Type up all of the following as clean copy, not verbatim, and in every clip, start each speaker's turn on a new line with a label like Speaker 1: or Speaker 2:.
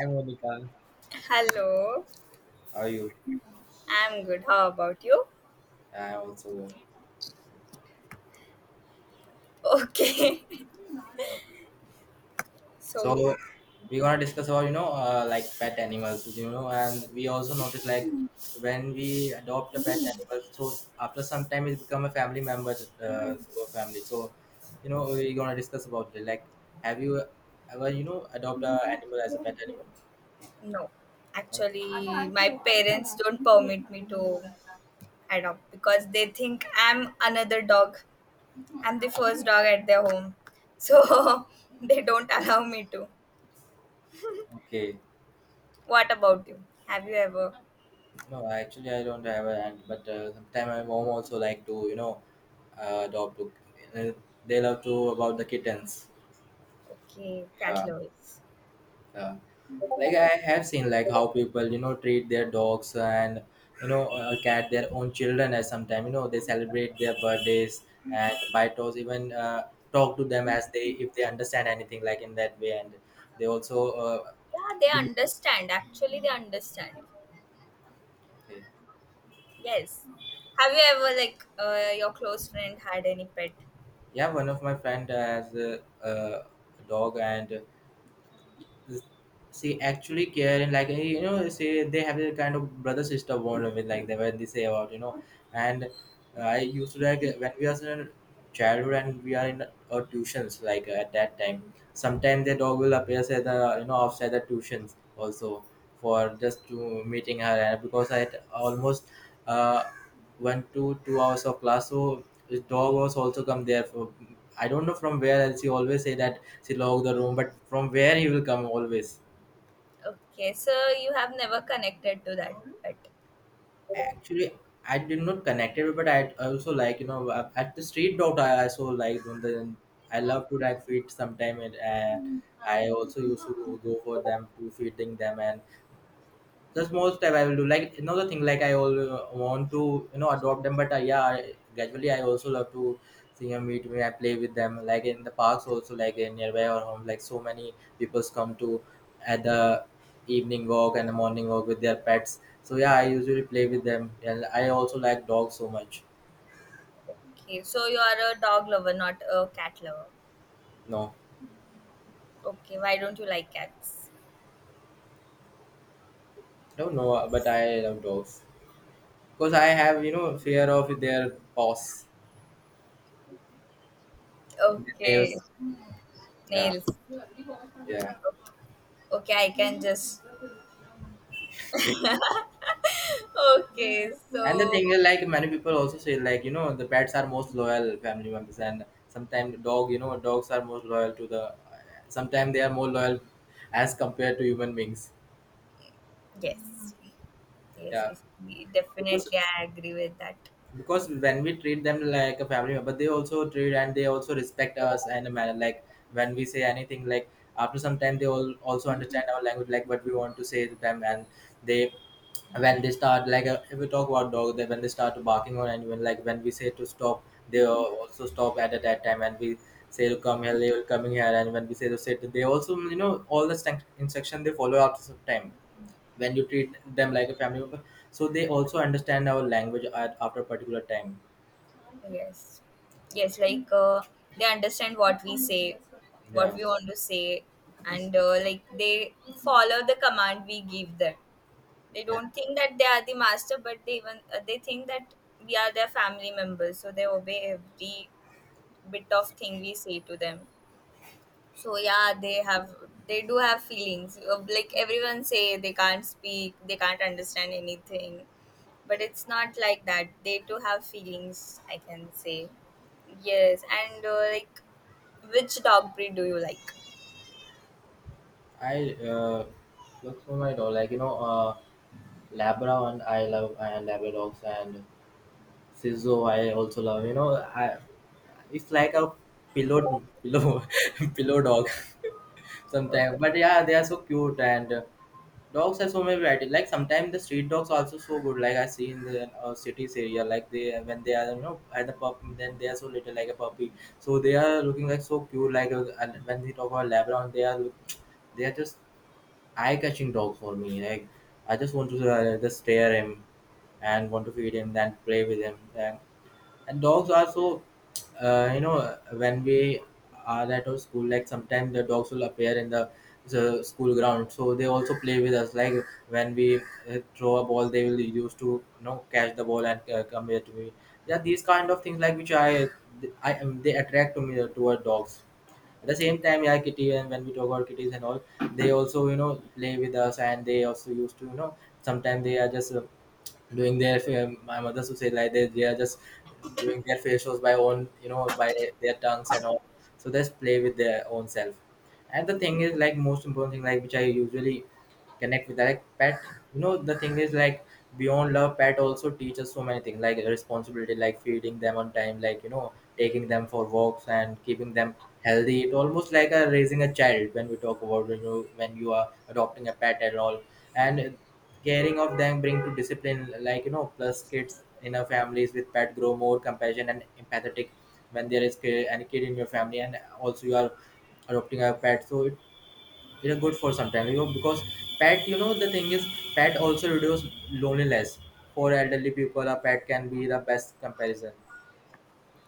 Speaker 1: Hi Monica,
Speaker 2: Hello,
Speaker 1: how are you?
Speaker 2: I'm good. How about you?
Speaker 1: I also good.
Speaker 2: Okay. So,
Speaker 1: So, we're gonna discuss about like pet animals, you know, and we also notice like when we adopt a pet animal, so after some time it become a family member to a family. So you know we're gonna discuss about it. Like, have you ever adopt a animal as a pet animal?
Speaker 2: no.
Speaker 1: No?
Speaker 2: Actually, my parents don't permit me to adopt because they think I'm another dog. I'm the first dog at their home. So, they don't allow me to.
Speaker 1: Okay,
Speaker 2: What about you? Have you ever?
Speaker 1: no, actually I don't have a aunt, but sometime my mom also like to adopt. Uh, they love to about the kittens.
Speaker 2: Okay, cat
Speaker 1: Yeah,
Speaker 2: lovers.
Speaker 1: Yeah. Like I have seen like how people you know treat their dogs and cat their own children as sometimes you know they celebrate their birthdays and buy toys, even talk to them as they if they understand anything like in that way and they also
Speaker 2: Yeah, they understand. Actually, they understand.
Speaker 1: okay.
Speaker 2: Yes. Have you ever, like, your close friend had any pet?
Speaker 1: Yeah, one of my friend has a dog and she actually care and like you know say they have a kind of brother sister bond with like they when they say about you know, and I used to like when we are in childhood and we are in our tuitions like at that time sometimes the dog will appear at the you know outside the tuitions also for just to meeting her and because I had almost uh, went to 2 hours of class so his dog was also come there for I don't know from where else he always say that she locked the room but from where he will come always.
Speaker 2: Okay, so you have never connected to that pet.
Speaker 1: Actually I did not connect it but I also like at the street dog I also like when the I love to like feed sometime and I also used to go for them to feeding them and the small step I will do. Like another thing, like I all want to you know adopt them, but yeah, I, gradually I also love to see them, meet me, I play with them. Like in the parks also, like in nearby our home, like so many people's come to at the evening walk and the morning walk with their pets. So yeah, I usually play with them, and I also like dogs so much.
Speaker 2: Okay, so you are a dog lover, not a cat lover.
Speaker 1: No,
Speaker 2: Okay, why don't you like cats?
Speaker 1: don't know, but I love dogs because I have you know fear of their paws, their
Speaker 2: Okay,
Speaker 1: nails. Yeah,
Speaker 2: nails.
Speaker 1: yeah.
Speaker 2: Okay, I can just. Okay,
Speaker 1: And the
Speaker 2: so
Speaker 1: thing is, like many people also say, like you know, the pets are most loyal family members, and sometimes dog, you know, dogs are most loyal to the. Sometimes they are more loyal as compared to human beings.
Speaker 2: yes, yes,
Speaker 1: Yeah,
Speaker 2: yes,
Speaker 1: because
Speaker 2: definitely, I agree with that.
Speaker 1: because when we treat them like a family member they also treat and they also respect us and a manner like when we say anything like after some time they all also understand our language like what we want to say to them and they when they start like if we talk about dog they when they start barking on anyone like when we say to stop they also stop at that time and we say to come here they will coming here and when we say to sit they also you know all the instruction they follow after some time when you treat them like a family member so they also understand our language at after a particular time.
Speaker 2: Yes, yes, like they understand what we say, what
Speaker 1: Yeah,
Speaker 2: we want to say, and like they follow the command we give them. They
Speaker 1: yeah,
Speaker 2: don't think that they are the master, but they think that we are their family members, so they obey every bit of thing we say to them. So yeah, they do have feelings. Like everyone say, they can't speak, they can't understand anything, but it's not like that. They do have feelings. I can say yes, and like which dog breed do you like?
Speaker 1: I look for my dog like labra and I love and labradogs and sizzo I also love you know I it's like a pillow pillow pillow dog
Speaker 2: Oh,
Speaker 1: sometimes but yeah they are so cute and dogs have so many variety. Like sometimes the street dogs also so good. Like I see in the cities area, like they when they are you know at the pup, then they are so little like a puppy. So they are looking like so cute. And when we talk about Labrador, they are look, they are just eye catching dogs for me. Like I just want to just stare him and want to feed him, then play with him. And dogs are so you know when we are at our school like sometimes the dogs will appear in the school ground so they also play with us like when we throw a ball they will use to you know catch the ball and come here to me. Yeah, these kind of things like which I am they attract to me toward dogs at the same time. Yeah, kitty, and when we talk about kitties and all they also you know play with us and they also used to you know sometimes they are just doing their my mother used to say like they are just doing their facials by own you know by their tongues and all, so just play with their own self. And the thing is like most important thing like which I usually connect with like pet you know, the thing is like beyond love pet also teaches so many things like responsibility, like feeding them on time, like you know taking them for walks and keeping them healthy. It almost like a raising a child when we talk about when you are adopting a pet and all, and caring of them bring to discipline, like you know plus kids in our families with pet grow more compassion and empathetic when there is any kid in your family and also you are adopting a pet, so it is good for some time you know because pet you know the thing is pet also reduce loneliness. For elderly people a pet can be the best comparison.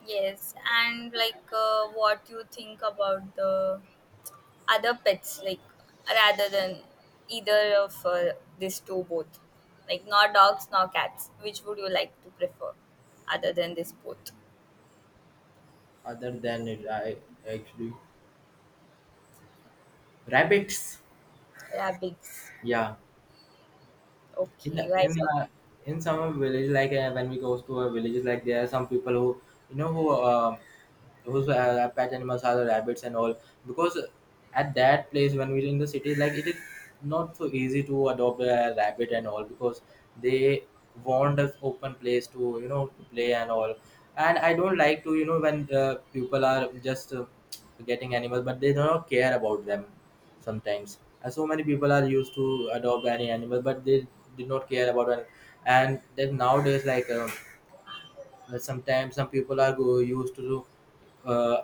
Speaker 2: yes, and like what you think about the other pets, like rather than either of these two, both like nor dogs nor cats, which would you like to prefer other than this both?
Speaker 1: Other than it, I actually rabbits.
Speaker 2: Rabbits.
Speaker 1: Yeah, in the,
Speaker 2: Okay, right.
Speaker 1: in
Speaker 2: So,
Speaker 1: the, in some village like when we go to a villages like there are some people who you know who those pet animals are the rabbits and all because at that place when we're in the city like it is not so easy to adopt a rabbit and all because they want us open place to you know to play and all. And I don't like to you know when people are just getting animals but they don't care about them sometimes, and so many people are used to adopt any animal but they did not care about it. And then nowadays like sometimes some people are go, used to uh,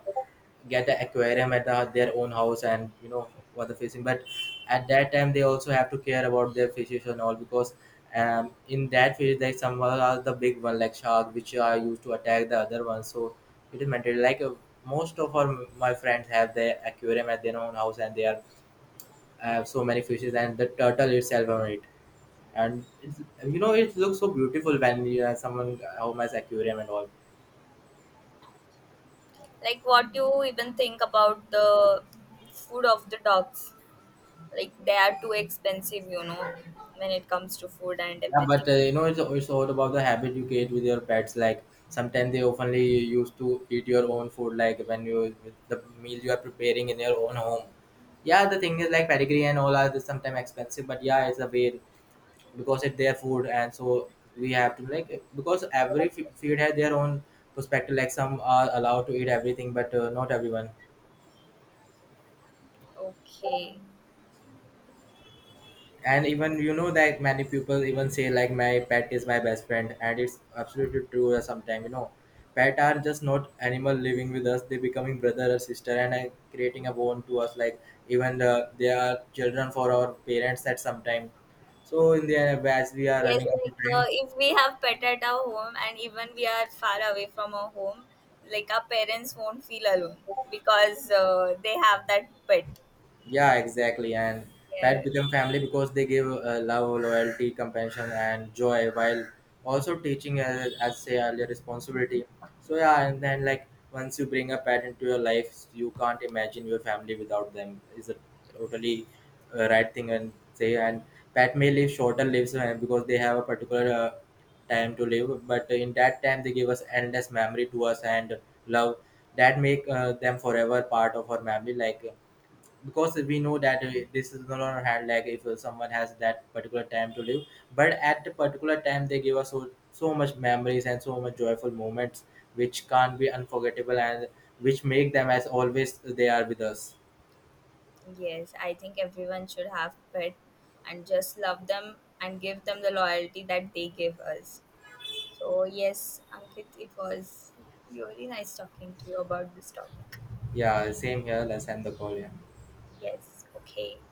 Speaker 1: get an aquarium at their own house and you know what the fishing, but at that time they also have to care about their fishes and all because in that fish there some are the big one like shark which are used to attack the other one, so it is mentally like most of our my friends have their aquarium at their own house and they are have so many fishes and the turtle itself on it, and it's, you know it looks so beautiful when you have someone home has aquarium and all.
Speaker 2: like what do you even think about the food of the dogs? Like they are too expensive, you know, when it comes to food and
Speaker 1: Yeah,
Speaker 2: everything.
Speaker 1: but you know, it's all about the habit you create with your pets. Like sometimes they oftenly used to eat your own food, like when you the meal you are preparing in your own home. Yeah, the thing is like pedigree and all are sometimes expensive, but yeah, it's a way because it's their food, and so we have to like because every feed has their own perspective. Like some are allowed to eat everything, but not everyone.
Speaker 2: Okay.
Speaker 1: And even you know that many people even say like my pet is my best friend, and it's absolutely true sometimes you know pet are just not animal living with us, they becoming brother or sister and creating a bond to us like even they are children for our parents at some time. So in the end, as we are
Speaker 2: Yes,
Speaker 1: running out of
Speaker 2: like
Speaker 1: time,
Speaker 2: if we have pet at our home and even we are far away from our home, like our parents won't feel alone because they have that pet.
Speaker 1: yeah, exactly. And
Speaker 2: Yeah.
Speaker 1: pet become family because they give love, loyalty, compassion, and joy while also teaching, as say earlier, responsibility. So yeah, and then like once you bring a pet into your life, you can't imagine your family without them. Is a totally right thing and say. And pet may live shorter lives because they have a particular time to live, but in that time they give us endless memory to us and love that make them forever part of our family. Like because we know that this is gonna had like if someone has that particular time to live, but at the particular time they give us so much memories and so much joyful moments which can't be unforgettable and which make them as always they are with us.
Speaker 2: Yes, I think everyone should have pet and just love them and give them the loyalty that they give us. So yes, Ankit, it was really nice talking to you about this topic.
Speaker 1: Yeah, same here, let's end the call. Yeah.
Speaker 2: Yes, okay.